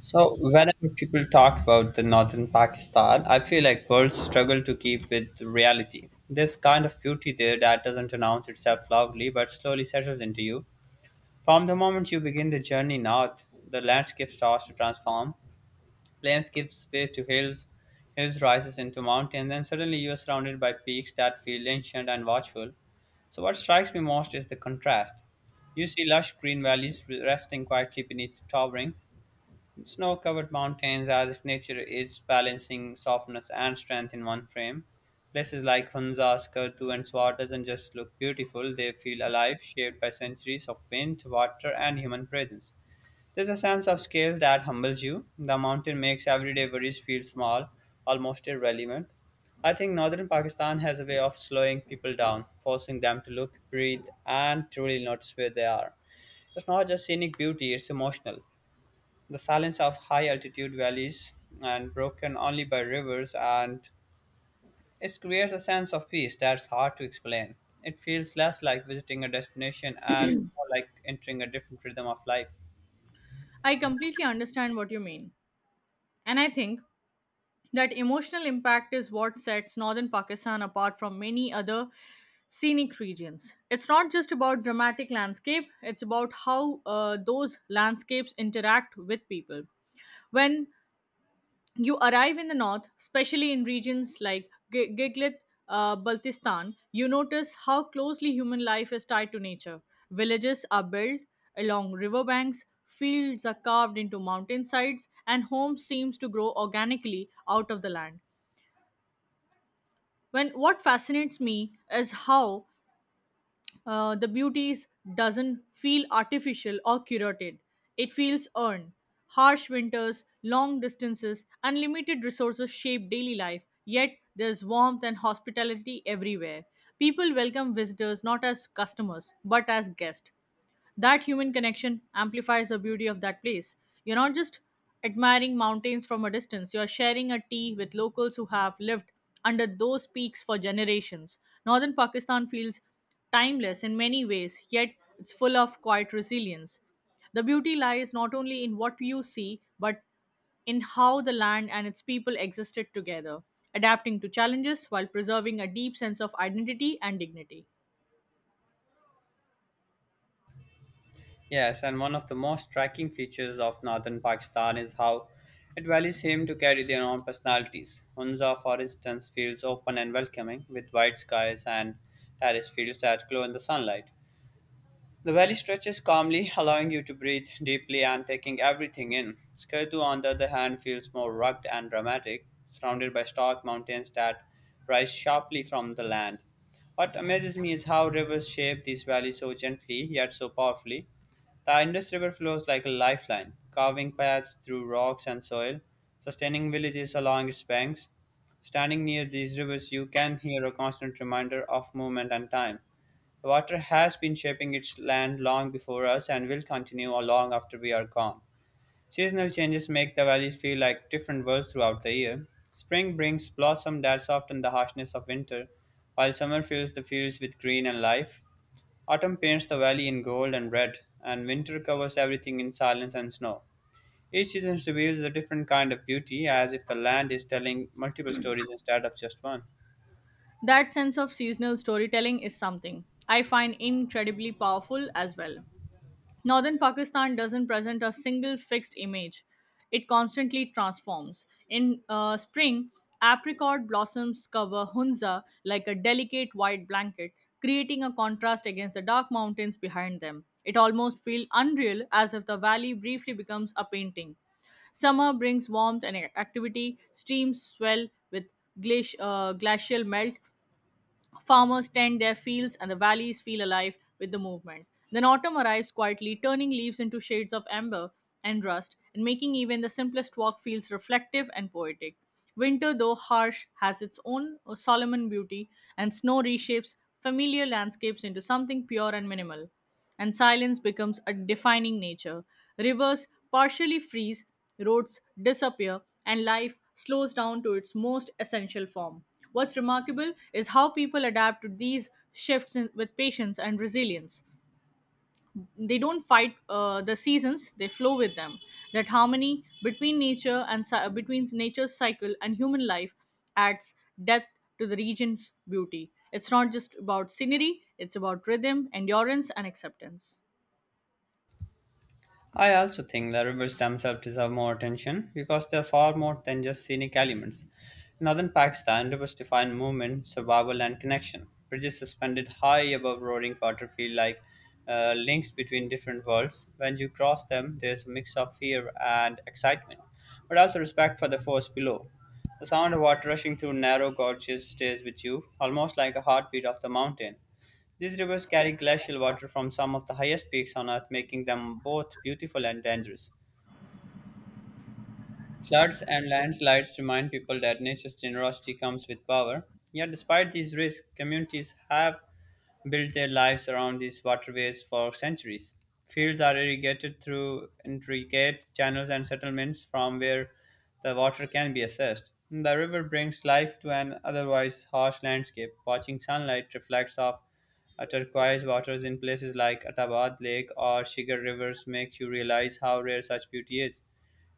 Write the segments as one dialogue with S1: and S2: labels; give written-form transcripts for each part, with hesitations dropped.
S1: So, whenever people talk about the northern Pakistan, I feel like words struggle to keep with reality. This kind of beauty there that doesn't announce itself loudly but slowly settles into you. From the moment you begin the journey north, the landscape starts to transform. Plains gives way to hills, hills rises into mountains, and suddenly you are surrounded by peaks that feel ancient and watchful. So, what strikes me most is the contrast. You see lush green valleys resting quietly beneath towering snow covered mountains, as if nature is balancing softness and strength in one frame. Places like Hunza, Skardu, and Swar doesn't just look beautiful, they feel alive, shaped by centuries of wind, water, and human presence. There's a sense of scale that humbles you. The mountain makes everyday worries feel small, almost irrelevant. I think northern Pakistan has a way of slowing people down, forcing them to look, breathe, and truly notice where they are. It's not just scenic beauty, it's emotional. The silence of high altitude valleys and broken only by rivers, and it creates a sense of peace that's hard to explain. It feels less like visiting a destination and more like entering a different rhythm of life.
S2: I completely understand what you mean. And I think that emotional impact is what sets northern Pakistan apart from many other scenic regions. It's not just about dramatic landscape, it's about how those landscapes interact with people. When you arrive in the north, especially in regions like Giglit, Baltistan, you notice how closely human life is tied to nature. Villages are built along riverbanks, fields are carved into mountainsides, and homes seems to grow organically out of the land. When what fascinates me is how the beauties doesn't feel artificial or curated. It feels earned. Harsh winters, long distances, and limited resources shape daily life, yet there's warmth and hospitality everywhere. People welcome visitors not as customers, but as guests. That human connection amplifies the beauty of that place. You're not just admiring mountains from a distance, you're sharing a tea with locals who have lived under those peaks for generations. Northern Pakistan feels timeless in many ways, yet it's full of quiet resilience. The beauty lies not only in what you see, but in how the land and its people existed together, adapting to challenges while preserving a deep sense of identity and dignity.
S1: Yes, and one of the most striking features of northern Pakistan is how it valleys seem to carry their own personalities. Hunza, for instance, feels open and welcoming, with white skies and terrace fields that glow in the sunlight. The valley stretches calmly, allowing you to breathe deeply and taking everything in. Skerdu, on the other hand, feels more rugged and dramatic, surrounded by stark mountains that rise sharply from the land. What amazes me is how rivers shape these valleys so gently yet so powerfully. The Indus River flows like a lifeline, carving paths through rocks and soil, sustaining villages along its banks. Standing near these rivers, you can hear a constant reminder of movement and time. Water has been shaping its land long before us and will continue long after we are gone. Seasonal changes make the valleys feel like different worlds throughout the year. Spring brings blossom that soften the harshness of winter, while summer fills the fields with green and life. Autumn paints the valley in gold and red, and winter covers everything in silence and snow. Each season reveals a different kind of beauty, as if the land is telling multiple stories instead of just one.
S2: That sense of seasonal storytelling is something I find incredibly powerful as well. Northern Pakistan doesn't present a single fixed image, it constantly transforms. In spring, apricot blossoms cover Hunza like a delicate white blanket, creating a contrast against the dark mountains behind them. It almost feels unreal as if the valley briefly becomes a painting. Summer brings warmth and activity. Streams swell with glacial melt, farmers tend their fields and the valleys feel alive with the movement. Then autumn arrives quietly, turning leaves into shades of amber and rust, and making even the simplest walk feels reflective and poetic. Winter, though harsh, has its own Solomon beauty, and snow reshapes familiar landscapes into something pure and minimal and silence becomes a defining nature. Rivers partially freeze, roads disappear, and life slows down to its most essential form. What's remarkable is how people adapt to these shifts in, with patience and resilience. They don't fight the seasons; they flow with them. That harmony between nature and between nature's cycle and human life adds depth to the region's beauty. It's not just about scenery; it's about rhythm, endurance, and acceptance.
S1: I also think the rivers themselves deserve more attention because they are far more than just scenic elements. In northern Pakistan, rivers define movement, survival, and connection. Bridges suspended high above roaring water feel like links between different worlds. When you cross them, there's a mix of fear and excitement, but also respect for the force below. The sound of water rushing through narrow gorges stays with you, almost like a heartbeat of the mountain. These rivers carry glacial water from some of the highest peaks on Earth, making them both beautiful and dangerous. Floods and landslides remind people that nature's generosity comes with power. Yet, despite these risks, communities have built their lives around these waterways for centuries. Fields are irrigated through intricate channels and settlements from where the water can be accessed. The river brings life to an otherwise harsh landscape. Watching sunlight reflects off turquoise waters in places like Attabad Lake or Shigar rivers make you realize how rare such beauty is.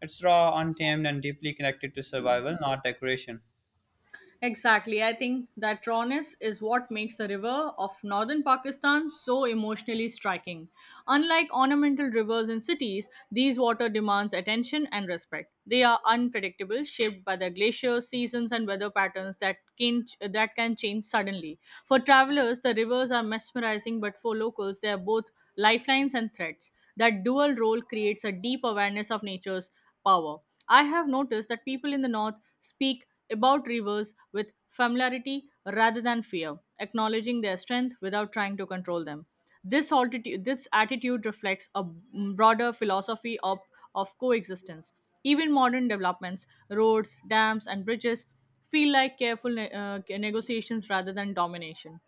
S1: It's raw, untamed, and deeply connected to survival, not decoration.
S2: Exactly. I think that rawness is what makes the river of northern Pakistan so emotionally striking. Unlike ornamental rivers in cities, these water demands attention and respect. They are unpredictable, shaped by the glaciers, seasons, and weather patterns that can change suddenly. For travelers, the rivers are mesmerizing, but for locals, they are both lifelines and threats. That dual role creates a deep awareness of nature's power. I have noticed that people in the North speak about rivers with familiarity rather than fear, acknowledging their strength without trying to control them. This attitude reflects a broader philosophy of coexistence. Even modern developments, roads, dams, and bridges feel like careful negotiations rather than domination.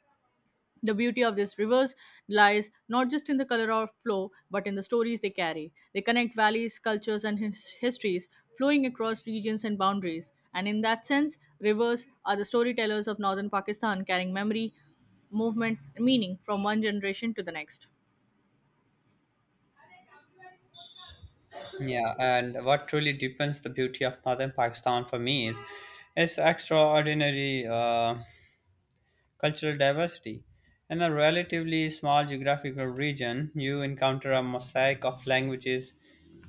S2: The beauty of these rivers lies not just in the color or flow, but in the stories they carry. They connect valleys, cultures, and histories, flowing across regions and boundaries. And in that sense, rivers are the storytellers of northern Pakistan, carrying memory, movement, and meaning from one generation to the next.
S1: Yeah, and what truly deepens the beauty of northern Pakistan for me is its extraordinary cultural diversity. In a relatively small geographical region, you encounter a mosaic of languages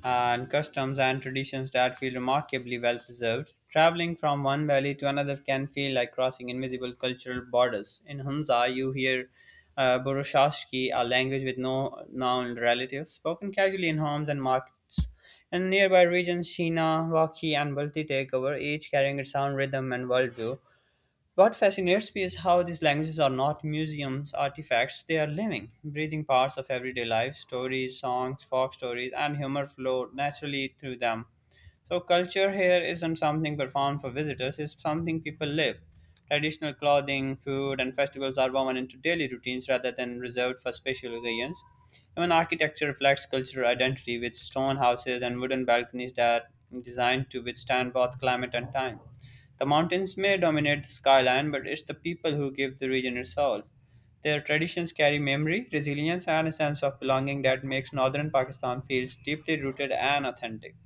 S1: uh, and customs and traditions that feel remarkably well preserved. Traveling from one valley to another can feel like crossing invisible cultural borders. In Hunza, you hear Burushaski, a language with no known relatives, spoken casually in homes and markets. In nearby regions, Sheena, Waki, and Balti take over, each carrying its own rhythm and worldview. What fascinates me is how these languages are not museums, artifacts, they are living, breathing parts of everyday life, stories, songs, folk stories, and humor flow naturally through them. So, culture here isn't something performed for visitors, it's something people live. Traditional clothing, food, and festivals are woven into daily routines rather than reserved for special occasions. Even architecture reflects cultural identity with stone houses and wooden balconies that are designed to withstand both climate and time. The mountains may dominate the skyline, but it's the people who give the region its soul. Their traditions carry memory, resilience, and a sense of belonging that makes northern Pakistan feel deeply rooted and authentic.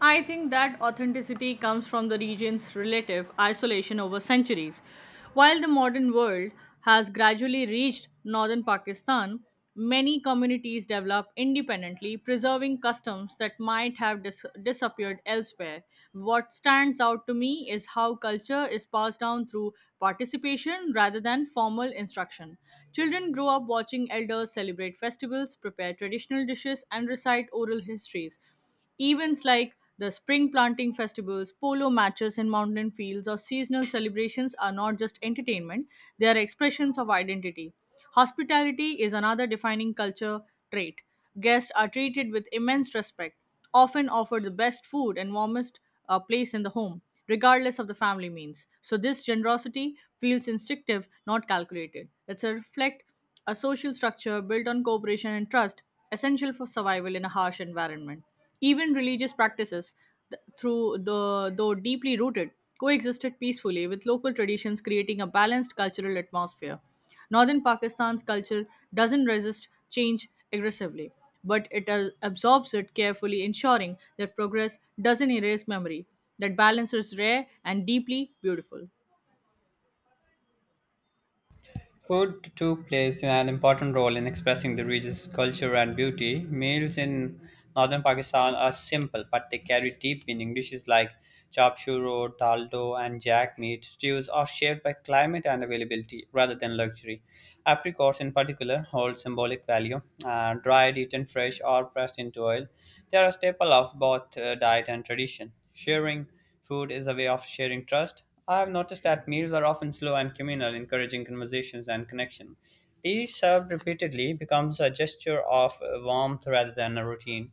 S2: I think that authenticity comes from the region's relative isolation over centuries. While the modern world has gradually reached northern Pakistan, many communities develop independently, preserving customs that might have disappeared elsewhere. What stands out to me is how culture is passed down through participation rather than formal instruction. Children grow up watching elders celebrate festivals, prepare traditional dishes, and recite oral histories. Events like the spring planting festivals, polo matches in mountain fields, or seasonal celebrations are not just entertainment, they are expressions of identity. Hospitality is another defining culture trait. Guests are treated with immense respect, often offered the best food and warmest place in the home, regardless of the family means. So, this generosity feels instinctive, not calculated. It's a reflect a social structure built on cooperation and trust, essential for survival in a harsh environment. Even religious practices, through the though deeply rooted, coexisted peacefully with local traditions, creating a balanced cultural atmosphere. Northern Pakistan's culture doesn't resist change aggressively, but it absorbs it carefully, ensuring that progress doesn't erase memory. That balance is rare and deeply beautiful.
S1: Food too plays an important role in expressing the region's culture and beauty. Meals in northern Pakistan are simple, but they carry deep meaning. Dishes like chop churo, dal do, and jack meat stews are shaped by climate and availability rather than luxury. Apricots, in particular, hold symbolic value. Dried, eaten fresh, or pressed into oil, they are a staple of both diet and tradition. Sharing food is a way of sharing trust. I have noticed that meals are often slow and communal, encouraging conversations and connection. Tea served repeatedly becomes a gesture of warmth rather than a routine.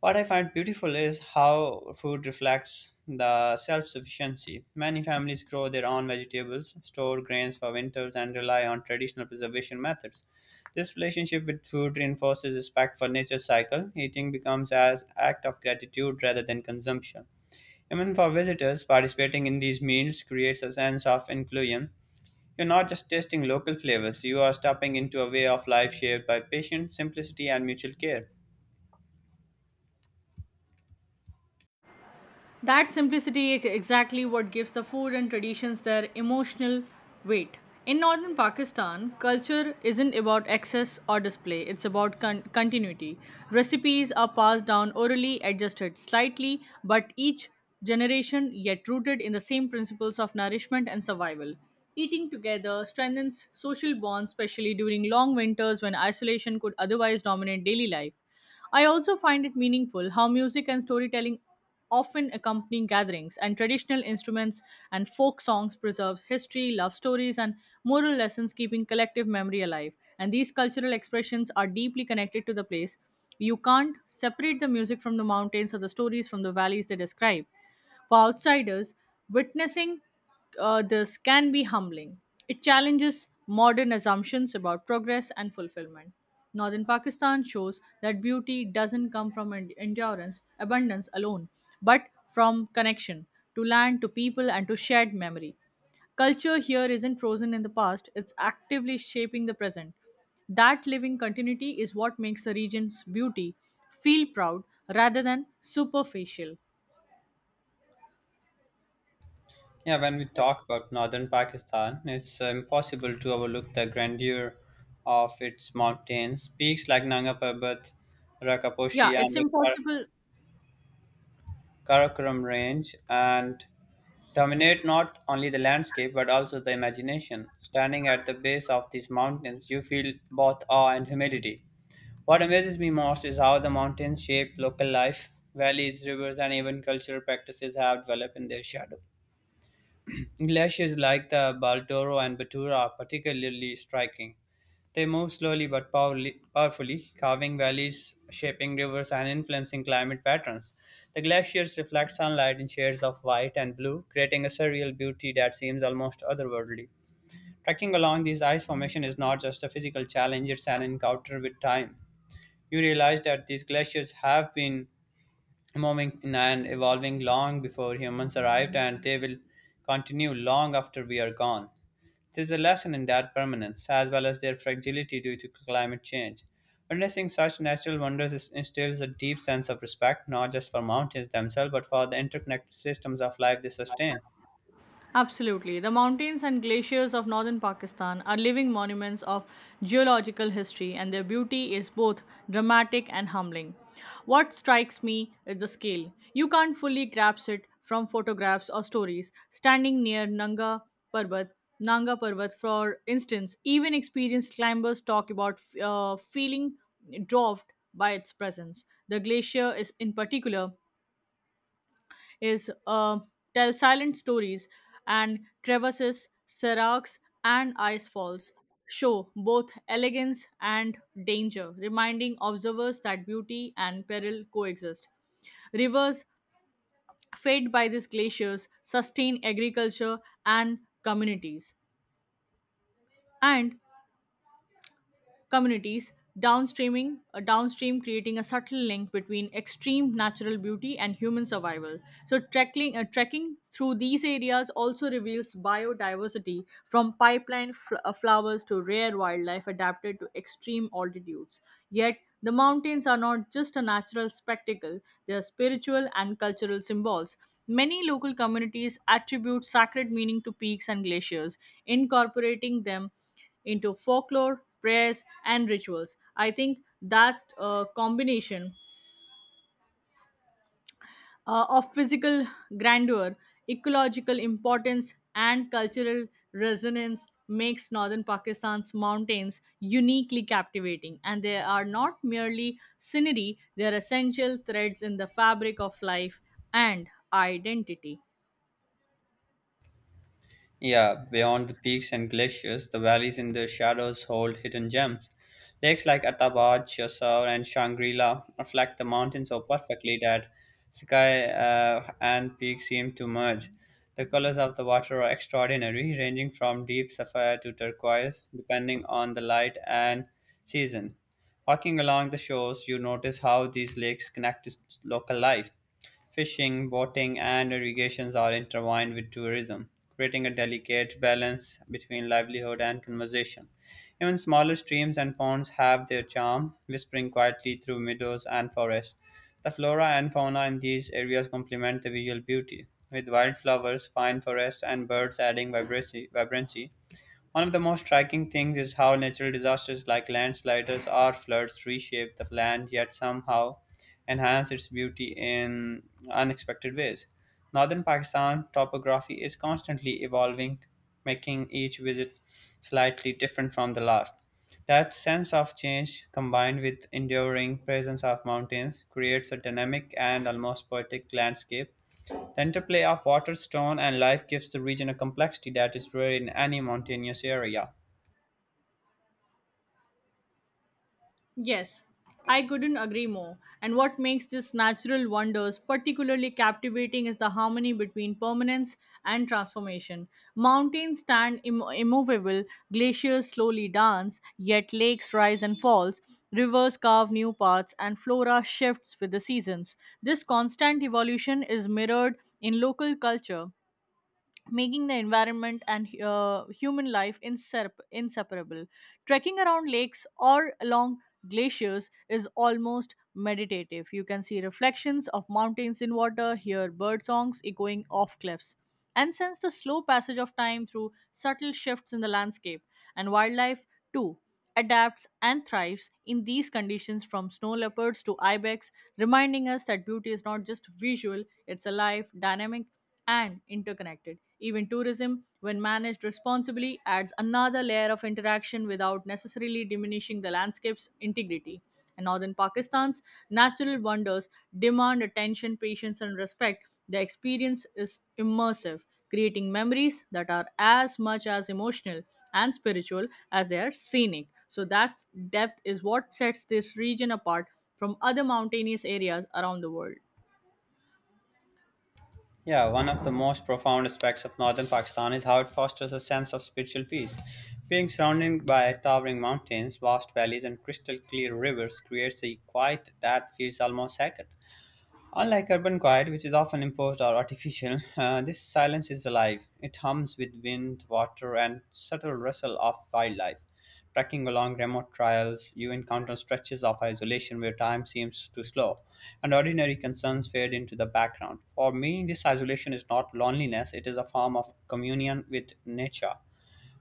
S1: What I find beautiful is how food reflects the self sufficiency. Many families grow their own vegetables, store grains for winters, and rely on traditional preservation methods. This relationship with food reinforces respect for nature's cycle. Eating becomes an act of gratitude rather than consumption. Even for visitors, participating in these meals creates a sense of inclusion. You're not just tasting local flavors, you are stepping into a way of life shared by patience, simplicity, and mutual care.
S2: That simplicity is exactly what gives the food and traditions their emotional weight. In northern Pakistan, culture isn't about excess or display, it's about continuity. Recipes are passed down orally, adjusted slightly, but each generation yet rooted in the same principles of nourishment and survival. Eating together strengthens social bonds, especially during long winters when isolation could otherwise dominate daily life. I also find it meaningful how music and storytelling often accompany gatherings, and traditional instruments and folk songs preserve history, love stories, and moral lessons, keeping collective memory alive. And these cultural expressions are deeply connected to the place. You can't separate the music from the mountains or the stories from the valleys they describe. For outsiders, witnessing this can be humbling. It challenges modern assumptions about progress and fulfillment. Northern Pakistan shows that beauty doesn't come from endurance, abundance alone, but from connection to land, to people, and to shared memory. Culture here isn't frozen in the past, it's actively shaping the present. That living continuity is what makes the region's beauty feel proud rather than superficial.
S1: Yeah, when we talk about northern Pakistan, it's impossible to overlook the grandeur of its mountains. Peaks like Nanga Parbat,
S2: Yeah,
S1: Rakaposhi, and
S2: it's
S1: the
S2: impossible.
S1: Karakoram Range, and dominate not only the landscape but also the imagination. Standing at the base of these mountains, you feel both awe and humility. What amazes me most is how the mountains shape local life. Valleys, rivers, and even cultural practices have developed in their shadow. Glaciers like the Baldoro and Batura are particularly striking. They move slowly but powerfully, carving valleys, shaping rivers, and influencing climate patterns. The glaciers reflect sunlight in shades of white and blue, creating a surreal beauty that seems almost otherworldly. Trekking along these ice formations is not just a physical challenge, it's an encounter with time. You realize that these glaciers have been moving and evolving long before humans arrived, and they will continue long after we are gone. There's a lesson in that permanence, as well as their fragility due to climate change. Witnessing such natural wonders instills a deep sense of respect, not just for mountains themselves, but for the interconnected systems of life they sustain.
S2: Absolutely. The mountains and glaciers of northern Pakistan are living monuments of geological history, and their beauty is both dramatic and humbling. What strikes me is the scale. You can't fully grasp it from photographs or stories. Standing near Parbat, Nanga Parbat, for instance, even experienced climbers talk about feeling dwarfed by its presence. The glacier is, in particular, is tell silent stories and crevasses, seracs, and ice falls show both elegance and danger, reminding observers that beauty and peril coexist. Rivers fed by these glaciers sustain agriculture and communities. And communities downstream creating a subtle link between extreme natural beauty and human survival. So trekking trekking through these areas also reveals biodiversity from pipeline flowers to rare wildlife adapted to extreme altitudes. Yet the mountains are not just a natural spectacle, they are spiritual and cultural symbols. Many local communities attribute sacred meaning to peaks and glaciers, incorporating them into folklore, prayers, and rituals. I think that combination of physical grandeur, ecological importance, and cultural resonance makes northern Pakistan's mountains uniquely captivating. And they are not merely scenery, they are essential threads in the fabric of life and identity.
S1: Yeah, beyond the peaks and glaciers, the valleys in the shadows hold hidden gems. Lakes like Atabar, Chiasaur, and Shangri-La reflect the mountains so perfectly that sky and peak seem to merge. The colors of the water are extraordinary, ranging from deep sapphire to turquoise, depending on the light and season. Walking along the shores, you notice how these lakes connect to local life. Fishing, boating, and irrigations are intertwined with tourism, creating a delicate balance between livelihood and conservation. Even smaller streams and ponds have their charm, whispering quietly through meadows and forests. The flora and fauna in these areas complement the visual beauty, with wildflowers, pine forests, and birds adding vibrancy. One of the most striking things is how natural disasters like landslides or floods reshape the land yet somehow enhance its beauty in unexpected ways. Northern Pakistan's topography is constantly evolving, making each visit slightly different from the last. That sense of change, combined with enduring presence of mountains, creates a dynamic and almost poetic landscape. The interplay of water, stone, and life gives the region a complexity that is rare in any mountainous area.
S2: Yes, I couldn't agree more. And what makes this natural wonders particularly captivating is the harmony between permanence and transformation. Mountains stand immovable, glaciers slowly dance, yet lakes rise and falls, rivers carve new paths, and flora shifts with the seasons. This constant evolution is mirrored in local culture making the environment and human life inseparable. Trekking around lakes or along glaciers is almost meditative. You can see reflections of mountains in water, hear bird songs echoing off cliffs, and sense the slow passage of time through subtle shifts in the landscape. And wildlife, too, adapts and thrives in these conditions from snow leopards to ibex, reminding us that beauty is not just visual, it's alive, dynamic, and interconnected. Even tourism, when managed responsibly, adds another layer of interaction without necessarily diminishing the landscape's integrity. In northern Pakistan's natural wonders demand attention, patience, and respect. The experience is immersive, creating memories that are as much as emotional and spiritual as they are scenic. So, that depth is what sets this region apart from other mountainous areas around the world.
S1: Yeah, one of the most profound aspects of northern Pakistan is how it fosters a sense of spiritual peace. Being surrounded by towering mountains, vast valleys, and crystal clear rivers creates a quiet that feels almost sacred. Unlike urban quiet, which is often imposed or artificial, this silence is alive. It hums with wind, water, and subtle rustle of wildlife. Trekking along remote trails, you encounter stretches of isolation where time seems to slow, and ordinary concerns fade into the background. For me, this isolation is not loneliness, it is a form of communion with nature.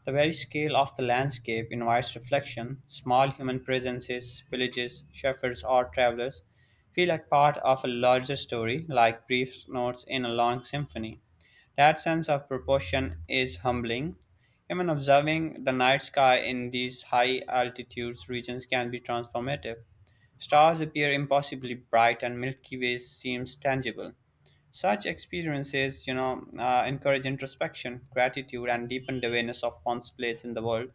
S1: The very scale of the landscape invites reflection. Small human presences, villages, shepherds, or travelers feel like part of a larger story, like brief notes in a long symphony. That sense of proportion is humbling. Even observing the night sky in these high altitudes regions can be transformative. Stars appear impossibly bright, and Milky Way seems tangible. Such experiences, encourage introspection, gratitude, and deepened awareness of one's place in the world.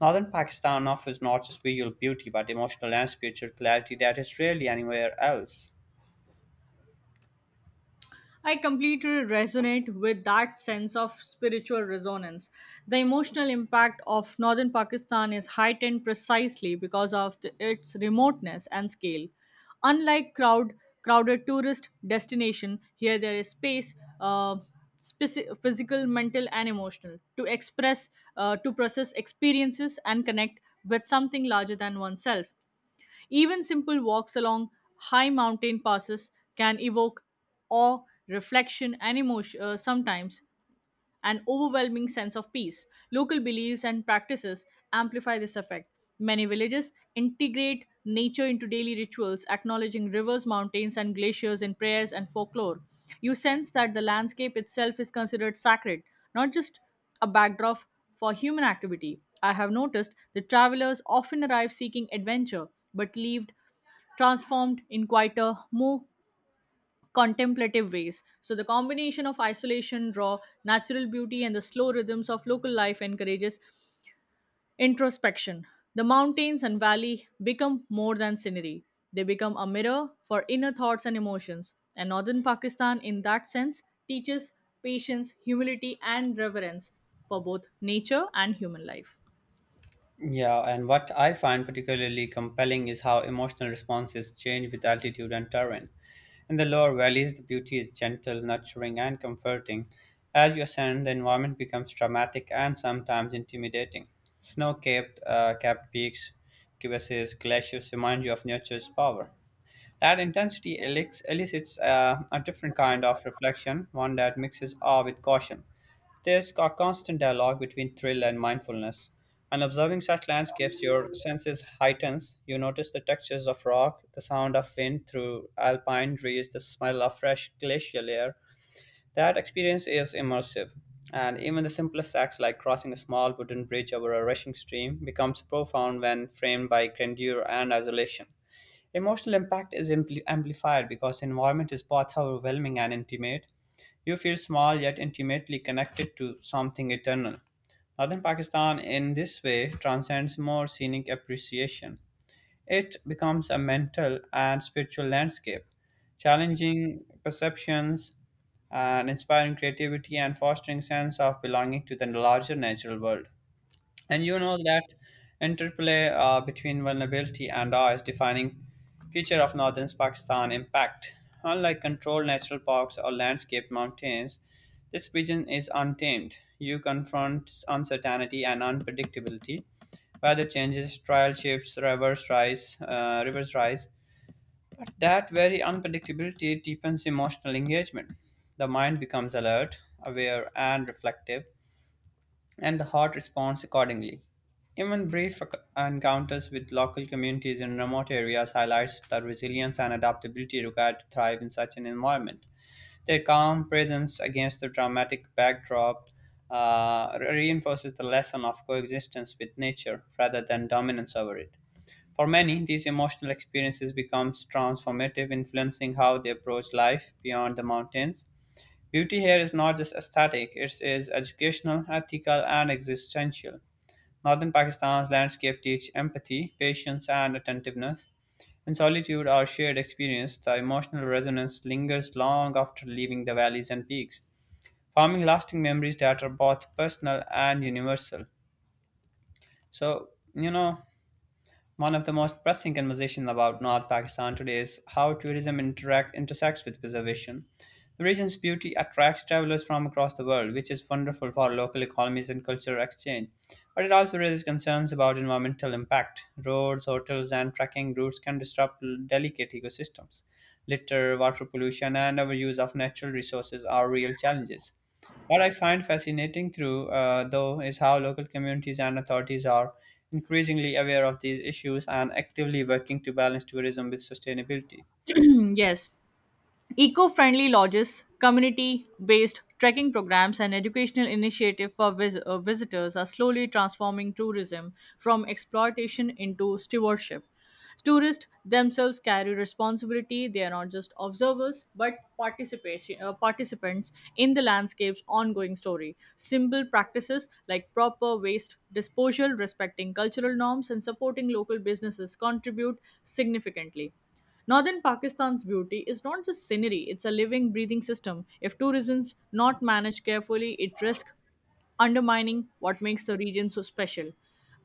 S1: Northern Pakistan offers not just visual beauty, but emotional and spiritual clarity that is rarely anywhere else.
S2: I completely resonate with that sense of spiritual resonance. The emotional impact of northern Pakistan is heightened precisely because of its remoteness and scale. Unlike crowded tourist destination, here there is space, uh, physical, mental, and emotional, to process experiences and connect with something larger than oneself. Even simple walks along high mountain passes can evoke awe, reflection, and emotion sometimes an overwhelming sense of peace. Local beliefs and practices amplify this effect. Many villages integrate nature into daily rituals, acknowledging rivers, mountains, and glaciers in prayers and folklore. You sense that the landscape itself is considered sacred, not just a backdrop for human activity. I have noticed that travelers often arrive seeking adventure but leave transformed in quieter, more contemplative ways. So, the combination of isolation, raw natural beauty, and the slow rhythms of local life encourages introspection. The mountains and valley become more than scenery, they become a mirror for inner thoughts and emotions. And northern Pakistan, in that sense, teaches patience, humility, and reverence for both nature and human life.
S1: Yeah, and what I find particularly compelling is how emotional responses change with altitude and terrain. In the lower valleys, the beauty is gentle, nurturing, and comforting. As you ascend, the environment becomes dramatic and sometimes intimidating. Snow capped peaks, crevasses, glaciers remind you of nature's power. That intensity elicits a different kind of reflection, one that mixes awe with caution. There's a constant dialogue between thrill and mindfulness. And observing such landscapes, your senses heightens. You notice the textures of rock, the sound of wind through alpine trees, the smell of fresh glacial air, that experience is immersive, and even the simplest acts like crossing a small wooden bridge over a rushing stream becomes profound when framed by grandeur and isolation. Emotional impact is amplified because the environment is both overwhelming and intimate. You feel small yet intimately connected to something eternal. Northern Pakistan, in this way, transcends more scenic appreciation. It becomes a mental and spiritual landscape, challenging perceptions and inspiring creativity and fostering sense of belonging to the larger natural world. And you know that interplay between vulnerability and awe is defining feature of northern Pakistan impact. Unlike controlled natural parks or landscaped mountains, this region is untamed. You confront uncertainty and unpredictability, weather changes, trial shifts, rivers rise. But that very unpredictability deepens emotional engagement. The mind becomes alert, aware, and reflective and the heart responds accordingly. Even encounters with local communities in remote areas highlights the resilience and adaptability required to thrive in such an environment. Their calm presence against the dramatic backdrop reinforces the lesson of coexistence with nature rather than dominance over it. For many, these emotional experiences becomes transformative, influencing how they approach life beyond the mountains. Beauty here is not just aesthetic, it is educational, ethical, and existential. Northern Pakistan's landscape teach empathy, patience, and attentiveness. In solitude or shared experience, the emotional resonance lingers long after leaving the valleys and peaks, forming lasting memories that are both personal and universal. So, you know, One of the most pressing conversations about North Pakistan today is how intersects with preservation. The region's beauty attracts travelers from across the world, which is wonderful for local economies and cultural exchange. But it also raises concerns about environmental impact. Roads, hotels, and trekking routes can disrupt delicate ecosystems. Litter, water pollution, and overuse of natural resources are real challenges. What I find fascinating, through though, is how local communities and authorities are increasingly aware of these issues and actively working to balance tourism with sustainability.
S2: Mm, yes. Eco friendly lodges, community based trekking programs, and educational initiatives for visitors are slowly transforming tourism from exploitation into stewardship. Tourists themselves carry responsibility, they are not just observers but participants in the landscape's ongoing story. Simple practices like proper waste disposal, respecting cultural norms, and supporting local businesses contribute significantly. Northern Pakistan's beauty is not just scenery, it's a living, breathing system. If tourism is not managed carefully, it risks undermining what makes the region so special.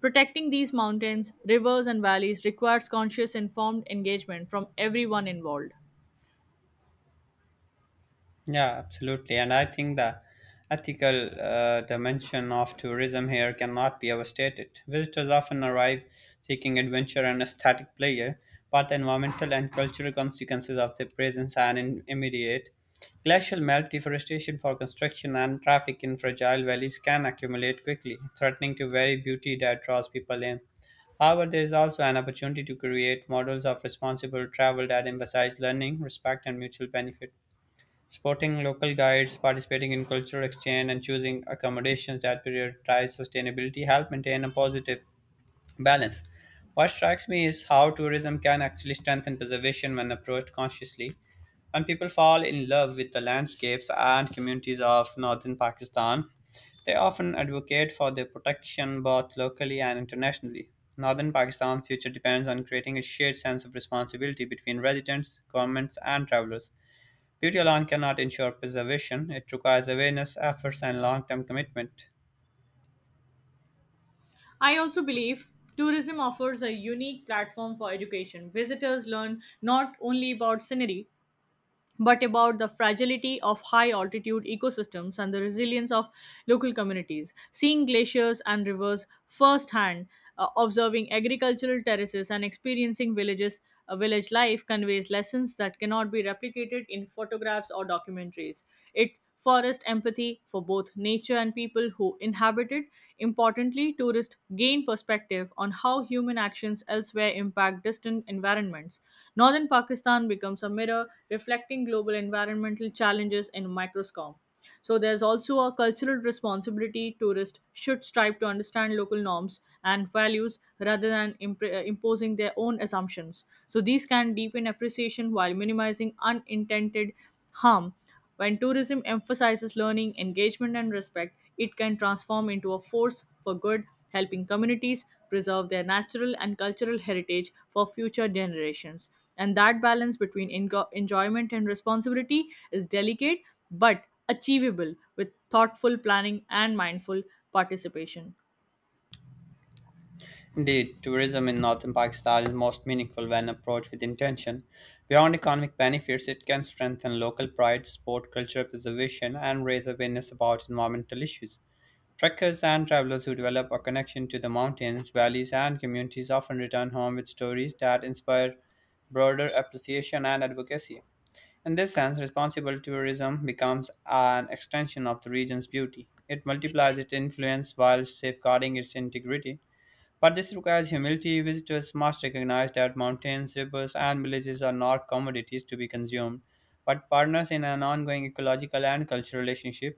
S2: Protecting these mountains, rivers, and valleys requires conscious, informed engagement from everyone involved.
S1: Yeah, absolutely. And I think the ethical dimension of tourism here cannot be overstated. Visitors often arrive seeking adventure and aesthetic pleasure, but the environmental and cultural consequences of their presence are immediate. Glacial melt, deforestation for construction, and traffic in fragile valleys can accumulate quickly, threatening to vary beauty that draws people in. However, there is also an opportunity to create models of responsible travel that emphasize learning, respect, and mutual benefit. Supporting local guides, participating in cultural exchange, and choosing accommodations that prioritize sustainability help maintain a positive balance. What strikes me is how tourism can actually strengthen preservation when approached consciously. When people fall in love with the landscapes and communities of northern Pakistan, they often advocate for their protection both locally and internationally. Northern Pakistan's future depends on creating a shared sense of responsibility between residents, governments, and travelers. Beauty alone cannot ensure preservation. It requires awareness, efforts, and long term commitment.
S2: I also believe tourism offers a unique platform for education. Visitors learn not only about scenery but about the fragility of high altitude ecosystems and the resilience of local communities. Seeing glaciers and rivers firsthand, observing agricultural terraces, and experiencing village life conveys lessons that cannot be replicated in photographs or documentaries. It forest empathy for both nature and people who inhabit it. Importantly, tourism tourists gain perspective on how human actions elsewhere impact distant environments. Northern Pakistan becomes a mirror reflecting global environmental challenges in microscope. So there's also a cultural responsibility tourists should strive to understand local norms and values rather than imposing their own assumptions. So these can deepen appreciation while minimizing unintended harm when tourism emphasizes learning, engagement, and respect, it can transform into a force for good, helping communities preserve their natural and cultural heritage for future generations. And that balance between enjoyment and responsibility is delicate but achievable with thoughtful planning and mindful participation.
S1: Indeed, tourism in northern Pakistan is most meaningful when approached with intention. Beyond economic benefits, it can strengthen local pride, support cultural preservation, and raise awareness about environmental issues. Trekkers and travelers who develop a connection to the mountains, valleys, and communities often return home with stories that inspire broader appreciation and advocacy. In this sense, responsible tourism becomes an extension of the region's beauty. It multiplies its influence while safeguarding its integrity. But this requires humility. Visitors must recognize that mountains, rivers, and villages are not commodities to be consumed, but partners in an ongoing ecological and cultural relationship.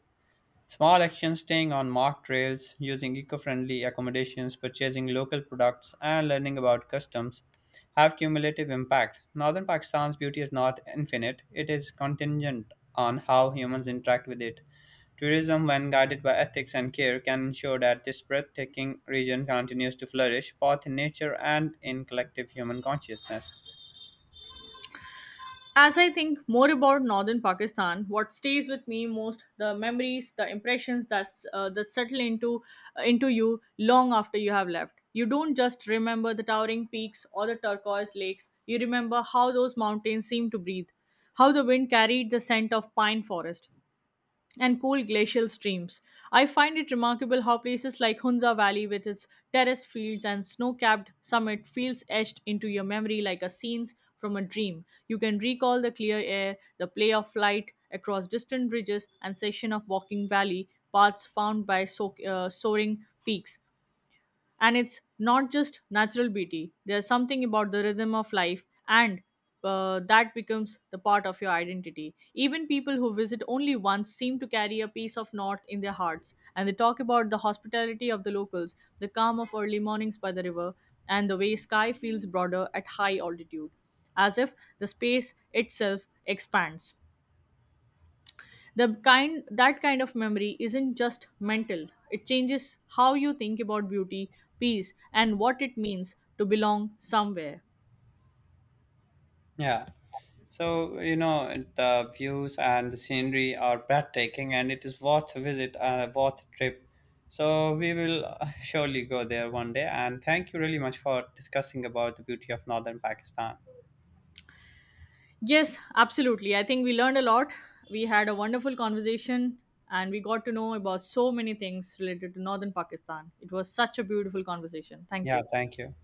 S1: Small actions, staying on marked trails, using eco friendly accommodations, purchasing local products, and learning about customs have cumulative impact. Northern Pakistan's beauty is not infinite, it is contingent on how humans interact with it. Tourism, when guided by ethics and care, can ensure that this breathtaking region continues to flourish both in nature and in collective human consciousness.
S2: As I think more about northern Pakistan, what stays with me most the memories, the impressions that settle into you long after you have left. You don't just remember the towering peaks or the turquoise lakes. You remember how those mountains seemed to breathe, how the wind carried the scent of pine forest, and cool glacial streams. I find it remarkable how places like Hunza Valley, with its terraced fields and snow capped summit, feels etched into your memory like a scene from a dream. You can recall the clear air, the play of light across distant ridges, and section of walking valley paths found by soaring peaks and it's not just natural beauty, there's something about the rhythm of life and that becomes the part of your identity. Even people who visit only once seem to carry a piece of north in their hearts, and they talk about the hospitality of the locals, the calm of early mornings by the river, and the way sky feels broader at high altitude, as if the space itself expands. The kind that kind of memory isn't just mental, it changes how you think about beauty, peace, and what it means to belong somewhere.
S1: Yeah. The views and the scenery are breathtaking and it is worth a visit and a worth a trip. So, we will surely go there one day. And thank you really much for discussing about the beauty of northern Pakistan.
S2: Yes, absolutely, I think we learned a lot, we had a wonderful conversation, and we got to know about so many things related to northern Pakistan. It was such a beautiful conversation, thank
S1: Yeah,
S2: you.
S1: thank you.